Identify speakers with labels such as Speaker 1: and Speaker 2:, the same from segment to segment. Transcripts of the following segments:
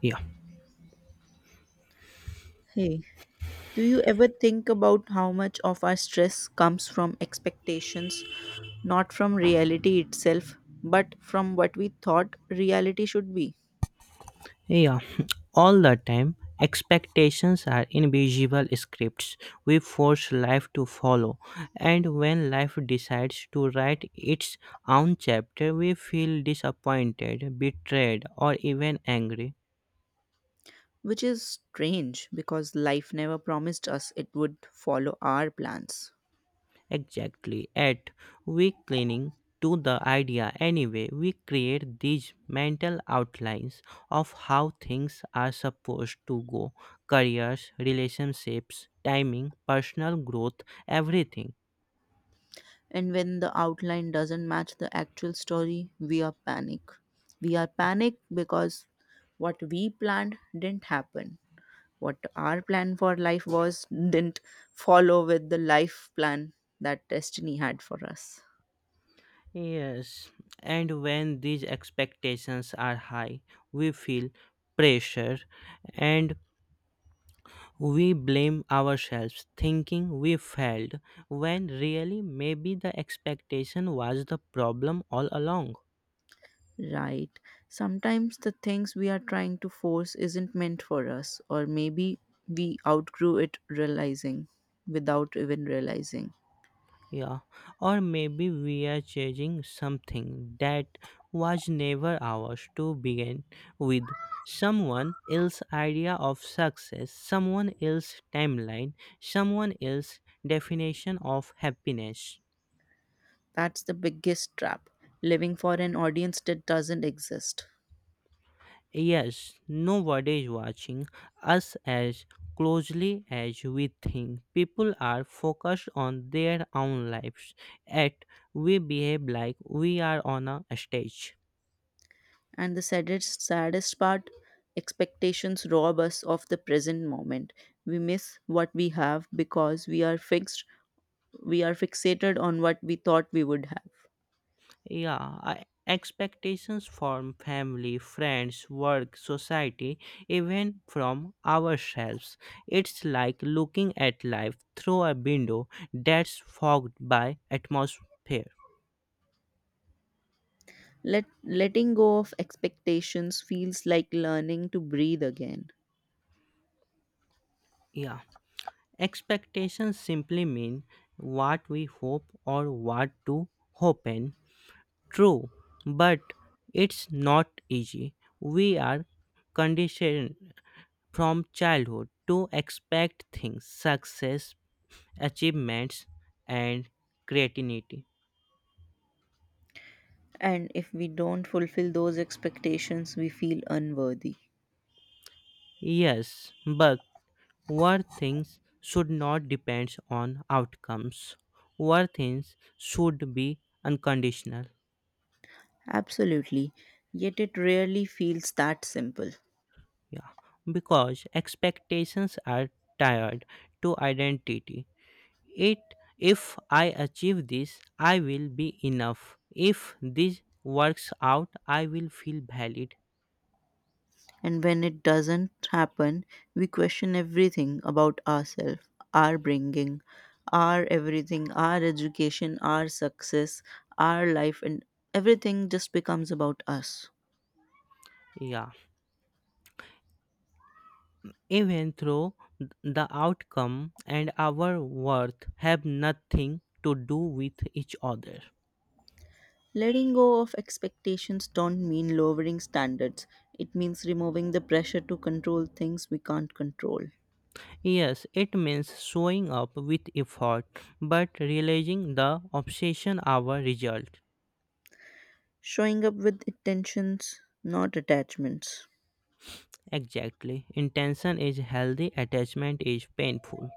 Speaker 1: Yeah,
Speaker 2: Hey, do you ever think about how much of our stress comes from expectations, not from reality itself, but from what we thought reality should be?
Speaker 1: yeah, all the time. Expectations are invisible scripts we force life to follow, and when life decides to write its own chapter, we feel disappointed, betrayed, or even angry.
Speaker 2: Which is strange because life never promised us it would follow our plans.
Speaker 1: Exactly. At we clinging to the idea anyway, we create these mental outlines of how things are supposed to go careers, relationships, timing, personal growth, everything.
Speaker 2: And when the outline doesn't match the actual story, we are panic. We are panic because what we planned didn't happen. What our plan for life was didn't follow with the life plan that destiny had for us.
Speaker 1: Yes, and when these expectations are high, we feel pressure, and we blame ourselves thinking we failed when really maybe the expectation was the problem all along.
Speaker 2: Right. Sometimes the things we are trying to force isn't meant for us, or maybe we outgrew it realizing without even realizing.
Speaker 1: Yeah, or maybe we are chasing something that was never ours to begin with. Someone else's idea of success, someone else's timeline, someone else's definition of happiness.
Speaker 2: That's the biggest trap. Living for an audience that doesn't exist.
Speaker 1: Yes, nobody is watching us as closely as we think. People are focused on their own lives, yet we behave like we are on a stage.
Speaker 2: And the saddest, saddest part, expectations rob us of the present moment. We miss what we have because we are fixated on what we thought we would have.
Speaker 1: Yeah, expectations from family, friends, work, society, even from ourselves. It's like looking at life through a window that's fogged by atmosphere.
Speaker 2: Letting go of expectations feels like learning to breathe again.
Speaker 1: Yeah. Expectations simply mean what we hope or what to happen. True, but it's not easy. We are conditioned from childhood to expect things, success, achievements, and creativity.
Speaker 2: And if we don't fulfill those expectations, we feel unworthy.
Speaker 1: Yes, but worth things should not depend on outcomes. Worth things should be unconditional.
Speaker 2: Absolutely, yet it rarely feels that simple.
Speaker 1: Yeah, because expectations are tied to identity. It if I achieve this, I will be enough. If this works out, I will feel valid.
Speaker 2: And when it doesn't happen, we question everything about ourselves, our bringing, our everything, our education, our success, our life, and everything just becomes about us.
Speaker 1: Yeah, even though the outcome and our worth have nothing to do with each other.
Speaker 2: Letting go of expectations don't mean lowering standards. It means removing the pressure to control things we can't control.
Speaker 1: Yes, it means showing up with effort, but realizing the obsession our result.
Speaker 2: Showing up with intentions, not attachments.
Speaker 1: Exactly. Intention is healthy, attachment is painful.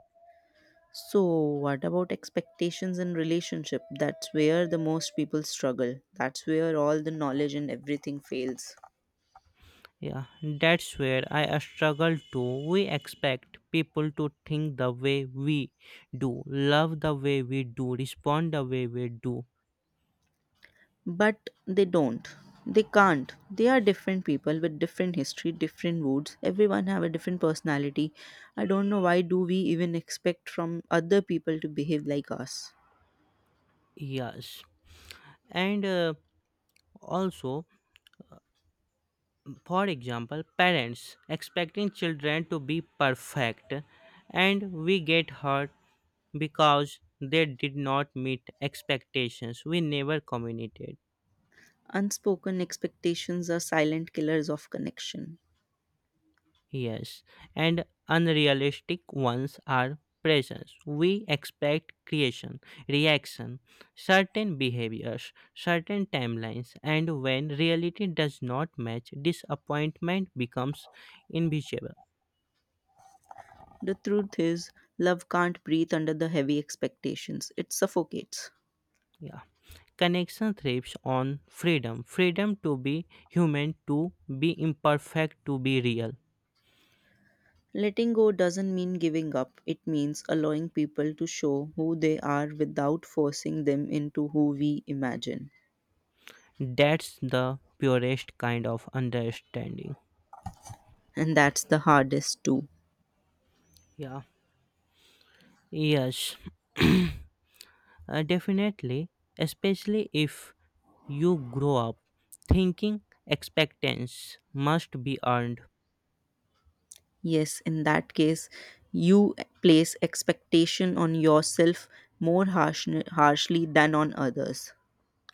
Speaker 2: So, what about expectations in relationship? That's where the most people struggle. That's where all the knowledge and everything fails.
Speaker 1: Yeah, that's where I struggle too. We expect people to think the way we do, love the way we do, respond the way we do.
Speaker 2: But they don't, they can't, they are different people with different history, different moods, everyone have a different personality. I don't know why do we even expect from other people to behave like us.
Speaker 1: Yes. And also, for example, parents expecting children to be perfect, and we get hurt because they did not meet expectations we never communicated.
Speaker 2: Unspoken expectations are silent killers of connection.
Speaker 1: Yes, and unrealistic ones are presence. We expect creation, reaction, certain behaviors, certain timelines, and when reality does not match, disappointment becomes inevitable.
Speaker 2: The truth is, love can't breathe under the heavy expectations, it suffocates.
Speaker 1: Yeah. Connection thrives on freedom freedom to be human, to be imperfect, to be real.
Speaker 2: Letting go doesn't mean giving up, it means allowing people to show who they are without forcing them into who we imagine.
Speaker 1: That's the purest kind of understanding.
Speaker 2: And that's the hardest too.
Speaker 1: Yeah. Yes. Definitely, especially if you grow up thinking expectations must be earned.
Speaker 2: Yes, in that case, you place expectation on yourself more harsh, harshly than on others.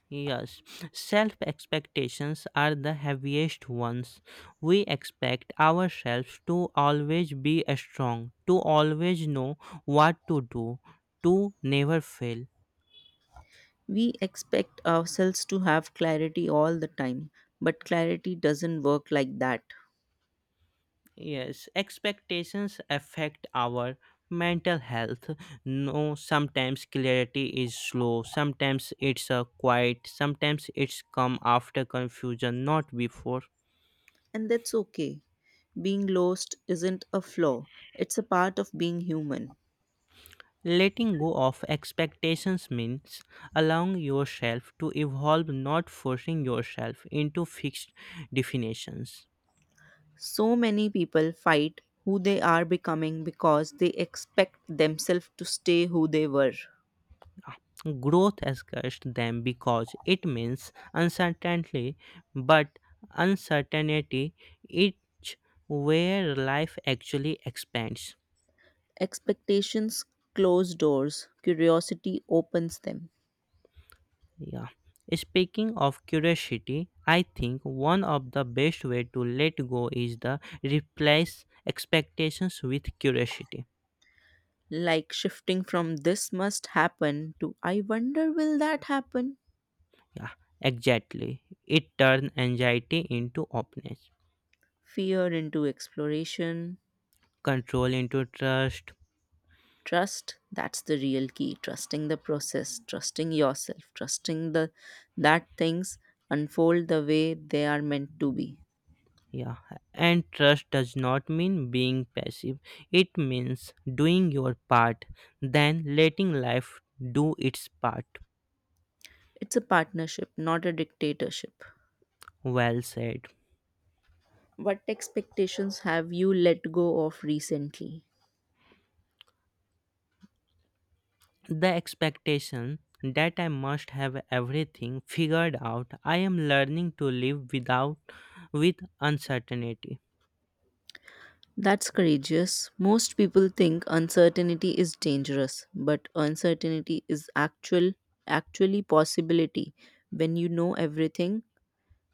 Speaker 1: Yes, self expectations are the heaviest ones. We expect ourselves to always be strong, to always know what to do, to never fail.
Speaker 2: We expect ourselves to have clarity all the time, but clarity doesn't work like that.
Speaker 1: Yes, expectations affect our mental health. No, sometimes clarity is slow, sometimes it's a quiet, sometimes it's come after confusion, not before.
Speaker 2: And that's okay, being lost isn't a flaw, it's a part of being human.
Speaker 1: Letting go of expectations means allowing yourself to evolve, not forcing yourself into fixed definitions.
Speaker 2: So many people fight who they are becoming because they expect themselves to stay who they were.
Speaker 1: Growth scares them because it means uncertainty, but uncertainty is where life actually expands.
Speaker 2: Expectations close doors, curiosity opens them.
Speaker 1: Yeah. Speaking of curiosity, I think one of the best way to let go is the replace expectations with curiosity.
Speaker 2: Like shifting from this must happen to I wonder will that happen?
Speaker 1: Yeah, exactly. It turns anxiety into openness,
Speaker 2: Fear into exploration.
Speaker 1: control into trust.
Speaker 2: Trust, that's the real key. Trusting the process, trusting yourself, trusting the that things unfold the way they are meant to be.
Speaker 1: Yeah, and trust does not mean being passive. It means doing your part, then letting life do its part.
Speaker 2: It's a partnership, not a dictatorship.
Speaker 1: Well said.
Speaker 2: What expectations have you let go of recently?
Speaker 1: The expectation that I must have everything figured out, I am learning to live without with uncertainty.
Speaker 2: That's courageous. Most people think uncertainty is dangerous, but uncertainty is actually possibility. When you know everything,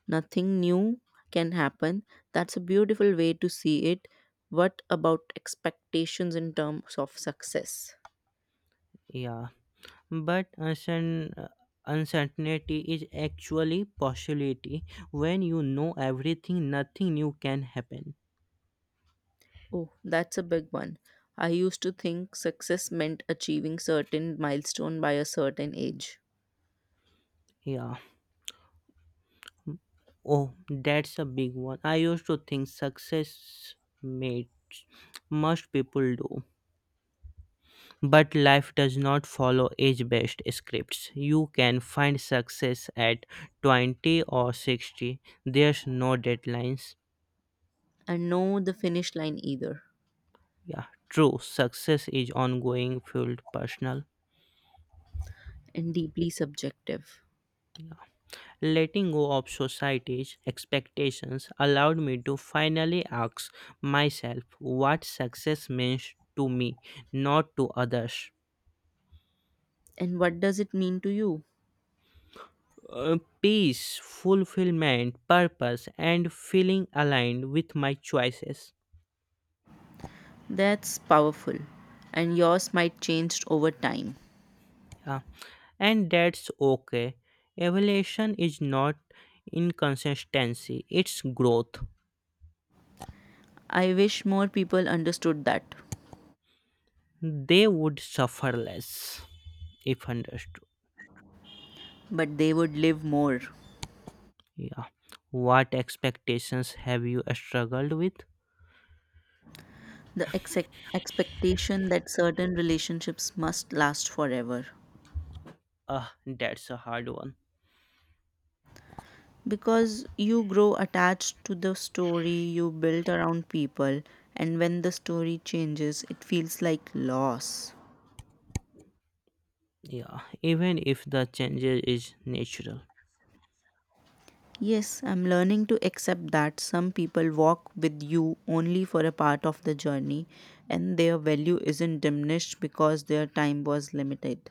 Speaker 2: nothing new can happen. That's a beautiful way to see it. What about expectations in terms of success?
Speaker 1: Yeah, but uncertainty is actually possibility. When you know everything, nothing new can happen.
Speaker 2: Oh, that's a big one. I used to think success meant achieving certain milestone by a certain age.
Speaker 1: Yeah. Oh, that's a big one. I used to think success mates most people do. But life does not follow age based scripts. You can find success at 20 or 60. There's no deadlines.
Speaker 2: And no the finish line either.
Speaker 1: Yeah, true. Success is ongoing, fueled personal.
Speaker 2: And deeply subjective.
Speaker 1: Letting go of society's expectations allowed me to finally ask myself what success means to me, not to others.
Speaker 2: And what does it mean to you?
Speaker 1: Peace, fulfillment, purpose, and feeling aligned with my choices.
Speaker 2: That's powerful, and yours might change over time.
Speaker 1: Yeah. And that's okay. Evaluation is not inconsistency, it's growth.
Speaker 2: I wish more people understood that,
Speaker 1: They would suffer less if understood.
Speaker 2: but they would live more.
Speaker 1: Yeah. What expectations have you struggled with?
Speaker 2: The expectation that certain relationships must last forever.
Speaker 1: Ah, that's a hard one.
Speaker 2: Because you grow attached to the story you built around people, and when the story changes, it feels like loss.
Speaker 1: Yeah. Even if the change is natural.
Speaker 2: Yes, I'm learning to accept that some people walk with you only for a part of the journey and their value isn't diminished because their time was limited.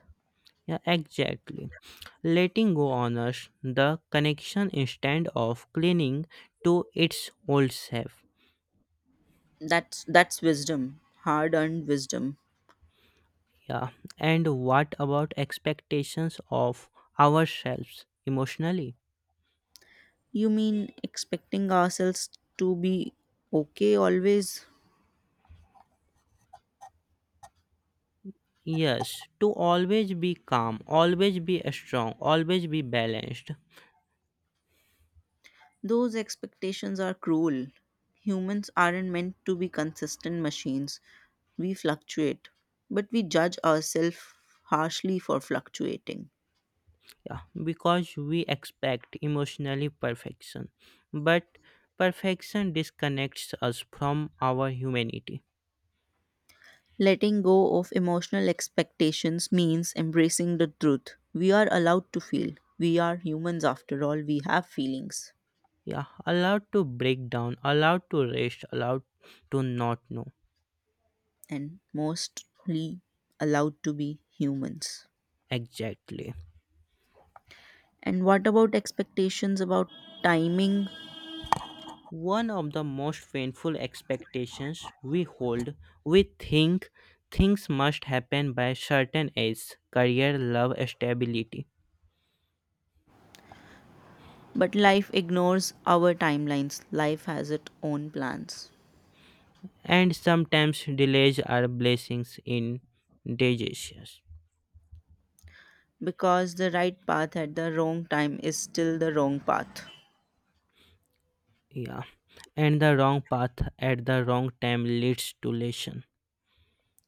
Speaker 1: Yeah, exactly letting go honors the connection instead of clinging to its old self.
Speaker 2: That's wisdom, hard-earned wisdom.
Speaker 1: Yeah. And what about expectations of ourselves emotionally?
Speaker 2: You mean expecting ourselves to be okay always?
Speaker 1: Yes, to always be calm, always be strong, always be balanced.
Speaker 2: Those expectations are cruel. Humans aren't meant to be consistent machines. We fluctuate, but we judge ourselves harshly for fluctuating.
Speaker 1: Yeah, because we expect emotionally perfection. But perfection disconnects us from our humanity.
Speaker 2: Letting go of emotional expectations means embracing the truth. We are allowed to feel. We are humans after all. We have feelings,
Speaker 1: Yeah, allowed to break down, allowed to rest, allowed to not know.
Speaker 2: and mostly allowed to be humans.
Speaker 1: Exactly.
Speaker 2: And what about expectations about timing?
Speaker 1: One of the most painful expectations we hold, we think things must happen by certain age, career, love, stability.
Speaker 2: But life ignores our timelines. Life has its own plans.
Speaker 1: And sometimes delays are blessings in disguise.
Speaker 2: Because the right path at the wrong time is still the wrong path.
Speaker 1: Yeah. And the wrong path at the wrong time leads to lesson.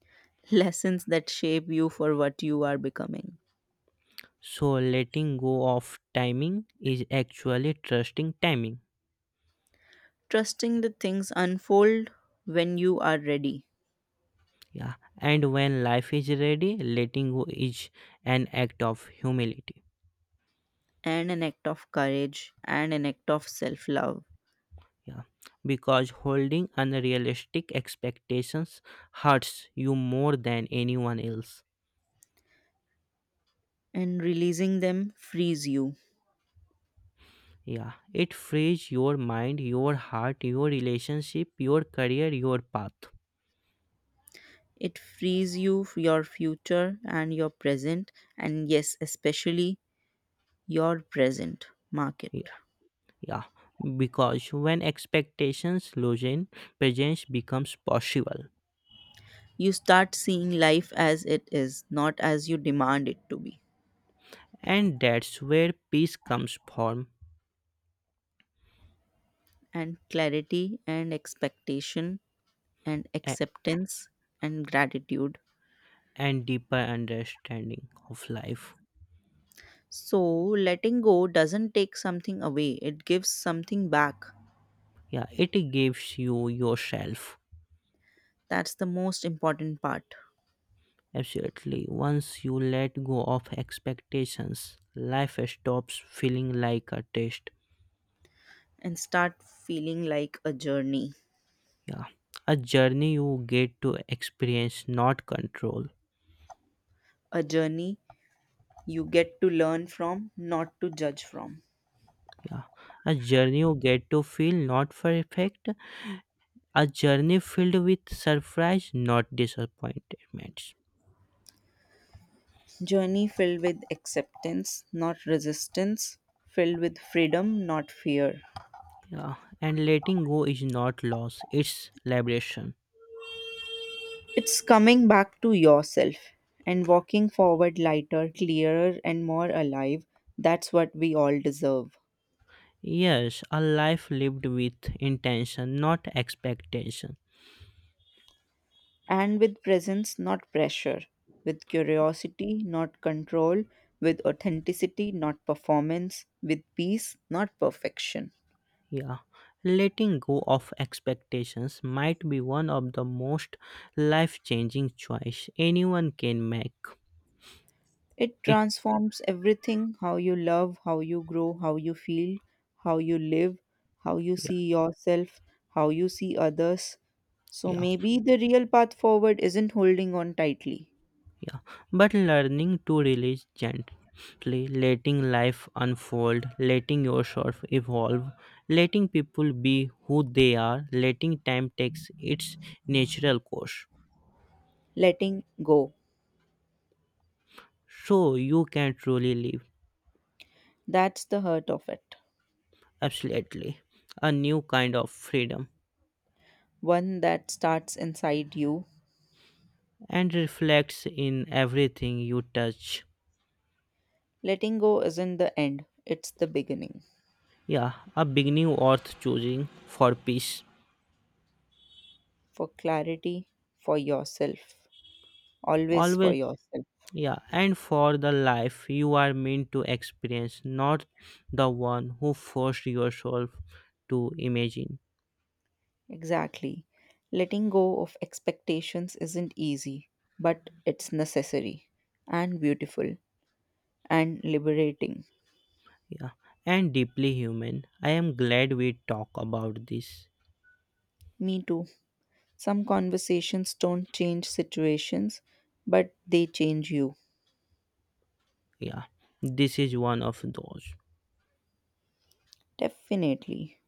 Speaker 2: Lessons that shape you for what you are becoming.
Speaker 1: So letting go of timing is actually trusting timing.
Speaker 2: Trusting the things unfold when you are ready,
Speaker 1: Yeah. And when life is ready, letting go is an act of humility.
Speaker 2: and an act of courage and an act of self love.
Speaker 1: Yeah. Because holding unrealistic expectations hurts you more than anyone else.
Speaker 2: And releasing them frees you.
Speaker 1: Yeah. It frees your mind, your heart, your relationship, your career, your path.
Speaker 2: It frees you, your future, and your present, and yes, especially your present market.
Speaker 1: Yeah. Yeah. Because when expectations loosen, presence becomes possible.
Speaker 2: You start seeing life as it is, not as you demand it to be.
Speaker 1: And that's where peace comes from.
Speaker 2: And clarity and expectation and
Speaker 1: a-
Speaker 2: acceptance and gratitude.
Speaker 1: and deeper understanding of life.
Speaker 2: So, letting go doesn't take something away, it gives something back.
Speaker 1: Yeah, it gives you yourself.
Speaker 2: That's the most important part.
Speaker 1: Absolutely, once you let go of expectations life stops feeling like a test.
Speaker 2: And start feeling like a journey.
Speaker 1: Yeah, a journey you get to experience not control.
Speaker 2: A journey you get to learn from, not to judge from.
Speaker 1: Yeah, a journey you get to feel not perfect, a journey filled with surprise not disappointments.
Speaker 2: Journey filled with acceptance, not resistance. Filled with freedom, not fear.
Speaker 1: Yeah, and letting go is not loss, it's liberation.
Speaker 2: It's coming back to yourself and walking forward lighter, clearer, and more alive. That's what we all deserve.
Speaker 1: Yes, a life lived with intention not expectation.
Speaker 2: And with presence, not pressure, with curiosity, not control, with authenticity, not performance, with peace, not perfection.
Speaker 1: Yeah, letting go of expectations might be one of the most life changing choice anyone can make.
Speaker 2: It
Speaker 1: It
Speaker 2: transforms everything, how you love, how you grow, how you feel, how you live, how you
Speaker 1: Yeah,
Speaker 2: see yourself, how you see others. So
Speaker 1: yeah,
Speaker 2: maybe the real path forward isn't holding on tightly,
Speaker 1: yeah. But learning to release gently, letting life unfold, letting yourself evolve, letting people be who they are, letting time takes its natural course.
Speaker 2: letting go.
Speaker 1: So you can truly live
Speaker 2: That's the hurt of it.
Speaker 1: absolutely a new kind of freedom.
Speaker 2: One that starts inside you.
Speaker 1: And reflects in everything you touch.
Speaker 2: Letting go isn't the end, it's the beginning.
Speaker 1: Yeah, a beginning worth choosing for peace.
Speaker 2: For clarity, for yourself, always for
Speaker 1: Always,
Speaker 2: yourself.
Speaker 1: yeah, and for the life you are meant to experience, not the one who forced yourself to imagine.
Speaker 2: Exactly. Letting go of expectations isn't easy, but it's necessary and beautiful and liberating.
Speaker 1: Yeah, and deeply human. I am glad we talk about this.
Speaker 2: Me too. Some conversations don't change situations, but they change you.
Speaker 1: Yeah, this is one of those.
Speaker 2: Definitely.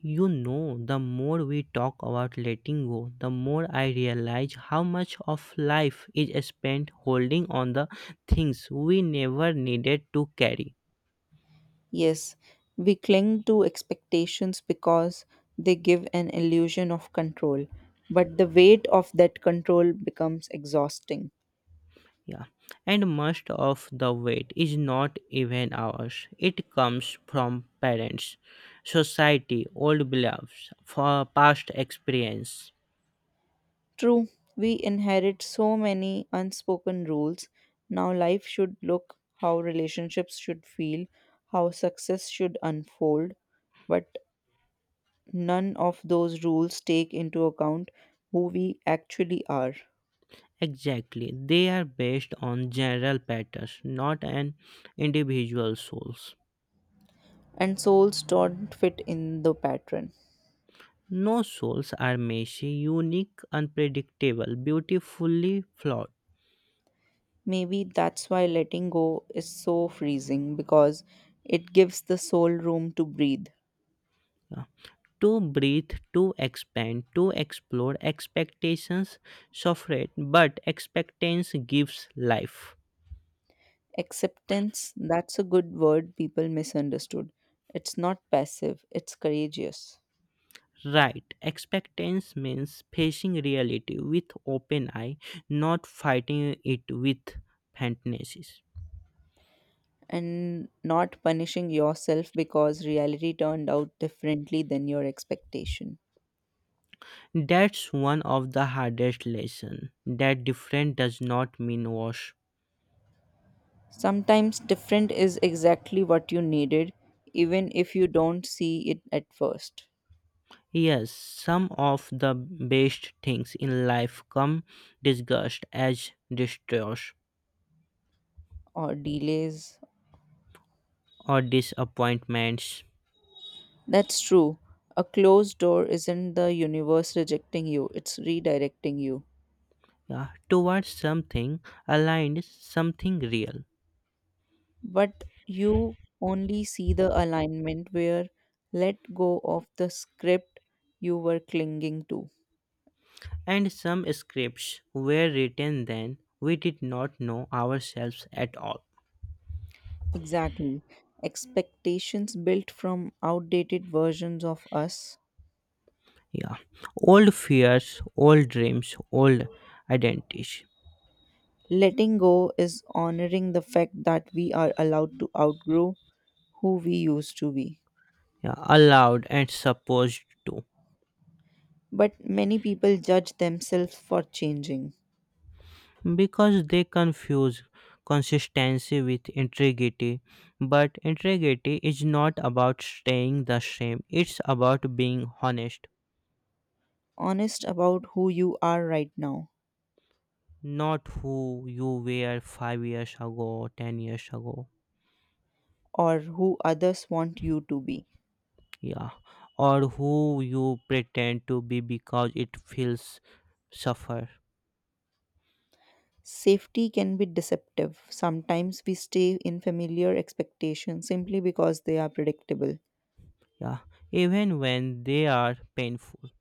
Speaker 1: You know, the more we talk about letting go, the more I realize how much of life is spent holding on the things we never needed to carry.
Speaker 2: Yes, we cling to expectations because they give an illusion of control, but the weight of that control becomes exhausting.
Speaker 1: Yeah. And most of the weight is not even ours. It comes from parents, society, old beliefs, for past experience.
Speaker 2: True, we inherit so many unspoken rules. Now, life should look, how relationships should feel, how success should unfold, but none of those rules take into account who we actually are.
Speaker 1: Exactly. They are based on general patterns, not an individual souls.
Speaker 2: And souls don't fit in the pattern.
Speaker 1: No souls are messy, unique, unpredictable, beautifully flawed.
Speaker 2: Maybe that's why letting go is so freezing because it gives the soul room to breathe.
Speaker 1: To breathe, to expand, to explore, expectations suffer, but expectance gives life.
Speaker 2: Acceptance, that's a good word people misunderstood. It's not passive, it's courageous.
Speaker 1: Right, expectance means facing reality with open eye, not fighting it with fantasies.
Speaker 2: And not punishing yourself because reality turned out differently than your expectation.
Speaker 1: That's one of the hardest lesson. That different does not mean worse.
Speaker 2: Sometimes different is exactly what you needed, even if you don't see it at first,
Speaker 1: Yes, some of the best things in life come disgust, as distress
Speaker 2: or delays.
Speaker 1: or disappointments
Speaker 2: That's true. A closed door isn't the universe rejecting you, it's redirecting you.
Speaker 1: towards something aligned, something real.
Speaker 2: But you only see the alignment where let go of the script you were clinging to.
Speaker 1: And some scripts were written then we did not know ourselves at all.
Speaker 2: Exactly. Expectations built from outdated versions of us.
Speaker 1: Yeah, old fears, old dreams, old identities.
Speaker 2: Letting go is honoring the fact that we are allowed to outgrow who we used to be.
Speaker 1: Yeah, allowed and supposed to.
Speaker 2: But many people judge themselves for changing.
Speaker 1: Because they confuse consistency with integrity, but integrity is not about staying the same, it's about being honest,
Speaker 2: Honest about who you are right now,
Speaker 1: not who you were 5 years ago, 10 years ago.
Speaker 2: or who others want you to be.
Speaker 1: Yeah, or who you pretend to be because it feels suffer.
Speaker 2: Safety can be deceptive. Sometimes we stay in familiar expectations simply because they are predictable.
Speaker 1: Yeah, even when they are painful.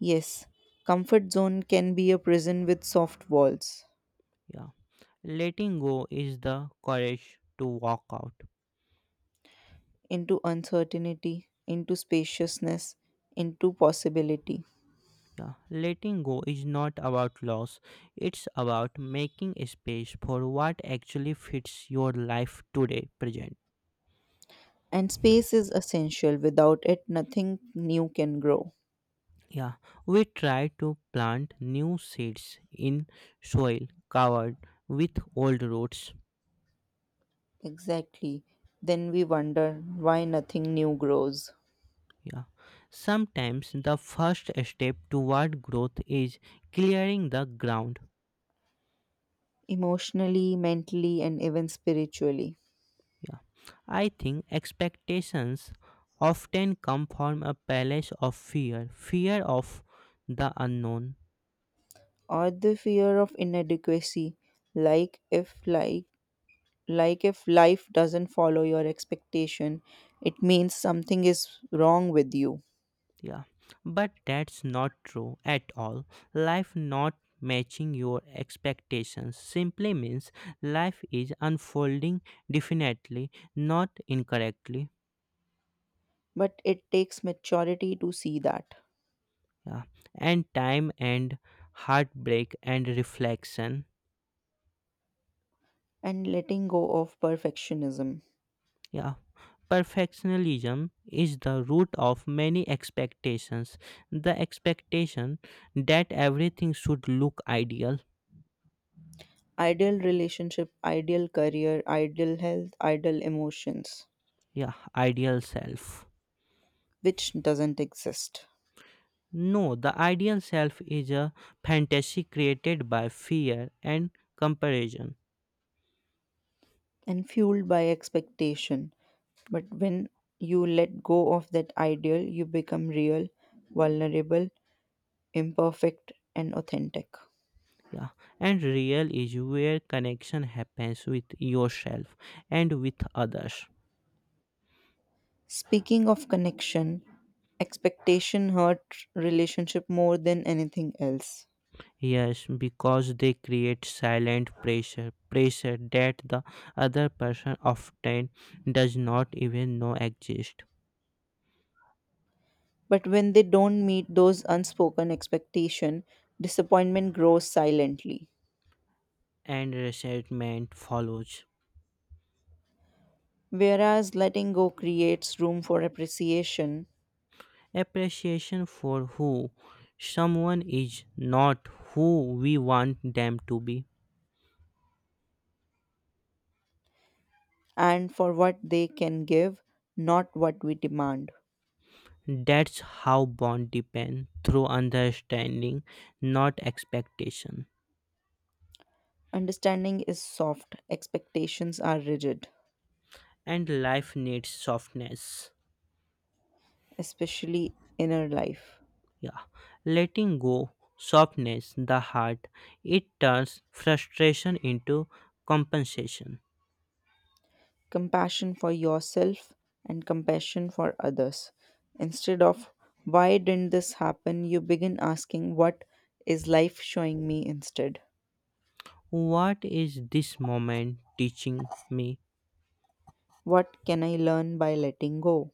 Speaker 2: Yes, comfort zone can be a prison with soft walls,
Speaker 1: Yeah, letting go is the courage to walk out.
Speaker 2: into uncertainty, into spaciousness, into possibility.
Speaker 1: Yeah, letting go is not about loss, it's about making space for what actually fits your life today, present.
Speaker 2: And space is essential. Without it, nothing new can grow.
Speaker 1: Yeah, we try to plant new seeds in soil covered with old roots.
Speaker 2: Exactly. Then we wonder why nothing new grows.
Speaker 1: Yeah, sometimes the first step toward growth is clearing the ground.
Speaker 2: Emotionally, mentally, and even spiritually,
Speaker 1: Yeah, I think expectations often come from a palace of fear fear of the unknown.
Speaker 2: or the fear of inadequacy, like if like if life doesn't follow your expectation, it means something is wrong with you.
Speaker 1: Yeah, but that's not true at all. Life not matching your expectations simply means life is unfolding definitely, not incorrectly.
Speaker 2: But it takes maturity to see that,
Speaker 1: Yeah, and time and heartbreak and reflection.
Speaker 2: and letting go of perfectionism.
Speaker 1: Yeah, perfectionism is the root of many expectations. The expectation that everything should look ideal.
Speaker 2: Ideal relationship, ideal career, ideal health, ideal emotions,
Speaker 1: Yeah, ideal self.
Speaker 2: which doesn't exist,
Speaker 1: No, the ideal self is a fantasy created by fear and comparison.
Speaker 2: and fueled by expectation. But when you let go of that ideal, you become real, vulnerable, imperfect, and authentic.
Speaker 1: Yeah, and real is where connection happens with yourself and with others.
Speaker 2: Speaking of connection, expectation hurt relationship more than anything else.
Speaker 1: Yes, because they create silent pressure, pressure that the other person often does not even know exists,
Speaker 2: But when they don't meet those unspoken expectation, disappointment grows silently.
Speaker 1: and resentment follows.
Speaker 2: Whereas letting go creates room for appreciation
Speaker 1: Appreciation for who someone is, not who we want them to be.
Speaker 2: and for what they can give, not what we demand.
Speaker 1: That's how bond depend through understanding, not expectation.
Speaker 2: Understanding is soft, expectations are rigid,
Speaker 1: And life needs softness.
Speaker 2: especially inner life.
Speaker 1: Yeah. Letting go softness the heart. It turns frustration into compensation.
Speaker 2: Compassion for yourself and compassion for others. Instead of why didn't this happen, you begin asking what is life showing me instead?
Speaker 1: What is this moment teaching me?
Speaker 2: What can I learn by letting go?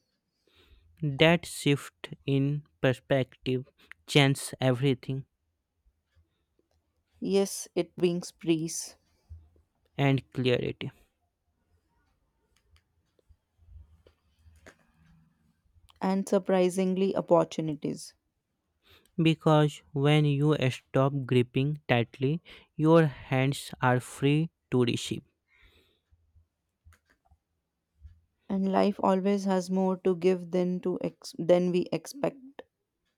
Speaker 1: That shift in perspective changes everything
Speaker 2: Yes, it brings peace
Speaker 1: and clarity.
Speaker 2: and surprisingly opportunities.
Speaker 1: Because when you stop gripping tightly, your hands are free to receive.
Speaker 2: And life always has more to give than to than we expect,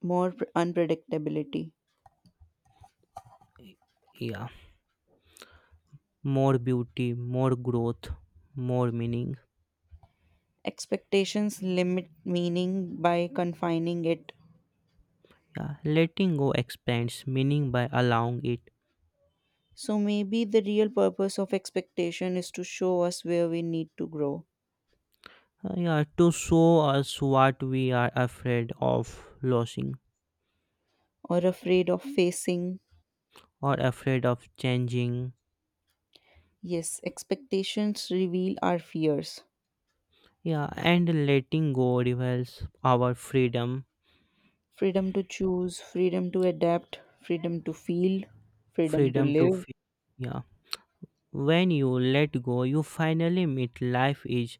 Speaker 2: more unpredictability.
Speaker 1: Yeah. More beauty, more growth, more meaning.
Speaker 2: Expectations limit meaning by confining it.
Speaker 1: Yeah. Letting go expands meaning by allowing it.
Speaker 2: So maybe the real purpose of expectation is to show us where we need to grow,
Speaker 1: Yeah, to show us what we are afraid of losing
Speaker 2: or afraid of facing.
Speaker 1: or afraid of changing.
Speaker 2: Yes, expectations reveal our fears.
Speaker 1: Yeah, and letting go reveals our freedom.
Speaker 2: Freedom to choose, freedom to adapt, freedom to feel, freedom to
Speaker 1: Freedom to
Speaker 2: live,
Speaker 1: feel. Yeah. When you let go, you finally meet life is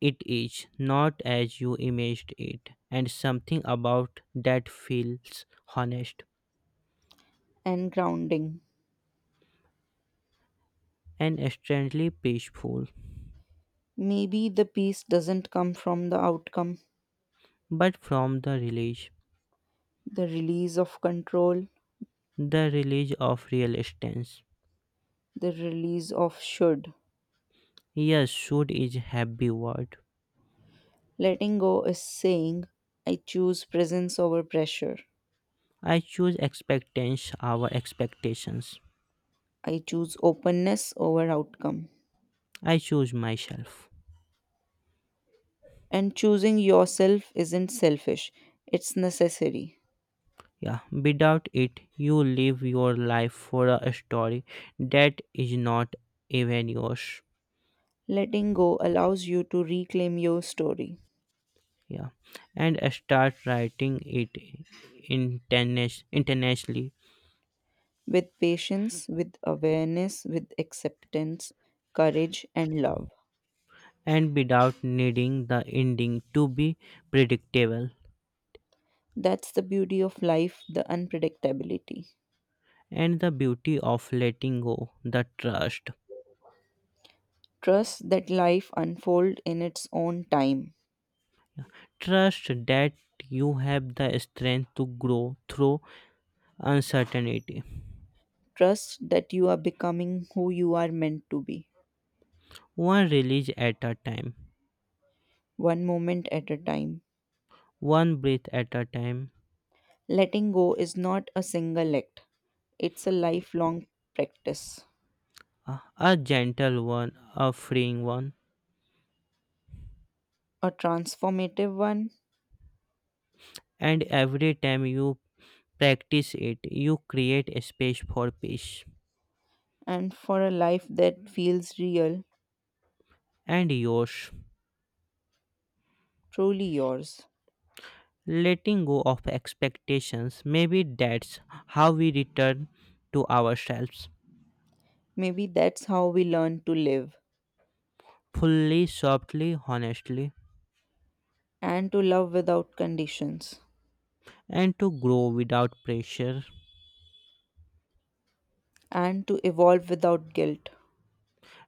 Speaker 1: it is not as you imagined it, and something about that feels honest
Speaker 2: and grounding.
Speaker 1: and strangely peaceful,
Speaker 2: Maybe the peace doesn't come from the outcome,
Speaker 1: but from
Speaker 2: the release of control,
Speaker 1: the release of real stance.
Speaker 2: the release of should.
Speaker 1: Yes, should is happy word.
Speaker 2: Letting go is saying, I choose presence over pressure.
Speaker 1: I choose expectations, our expectations.
Speaker 2: I choose openness over outcome.
Speaker 1: I choose myself.
Speaker 2: And choosing yourself isn't selfish, it's necessary.
Speaker 1: Yeah, without it, you live your life for a story that is not even yours.
Speaker 2: Letting go allows you to reclaim your story
Speaker 1: Yeah, and start writing it internationally
Speaker 2: with patience, with awareness, with acceptance, courage, and love.
Speaker 1: and without needing the ending to be predictable
Speaker 2: That's the beauty of life, the unpredictability.
Speaker 1: and the beauty of letting go the trust
Speaker 2: Trust that life unfolds in its own time.
Speaker 1: trust that you have the strength to grow through uncertainty,
Speaker 2: Trust that you are becoming who you are meant to be.
Speaker 1: one release at a time,
Speaker 2: One moment at a time.
Speaker 1: one breath at a time,
Speaker 2: Letting go is not a single act, it's a lifelong practice,
Speaker 1: a a gentle one, a freeing one,
Speaker 2: a transformative one,
Speaker 1: and every time you practice it you create a space for peace
Speaker 2: and for a life that feels real,
Speaker 1: and yours.
Speaker 2: truly yours.
Speaker 1: Letting go of expectations, maybe that's how we return to ourselves
Speaker 2: Maybe that's how we learn to live
Speaker 1: fully, softly, honestly,
Speaker 2: and to love without conditions
Speaker 1: and to grow without pressure.
Speaker 2: and to evolve without guilt.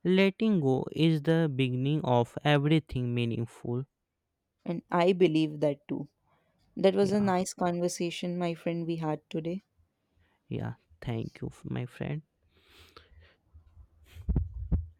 Speaker 1: Letting go is the beginning of everything meaningful.
Speaker 2: And I believe that too. That was a
Speaker 1: Yeah,
Speaker 2: nice conversation, my friend, we had today.
Speaker 1: yeah. Thank you, my friend.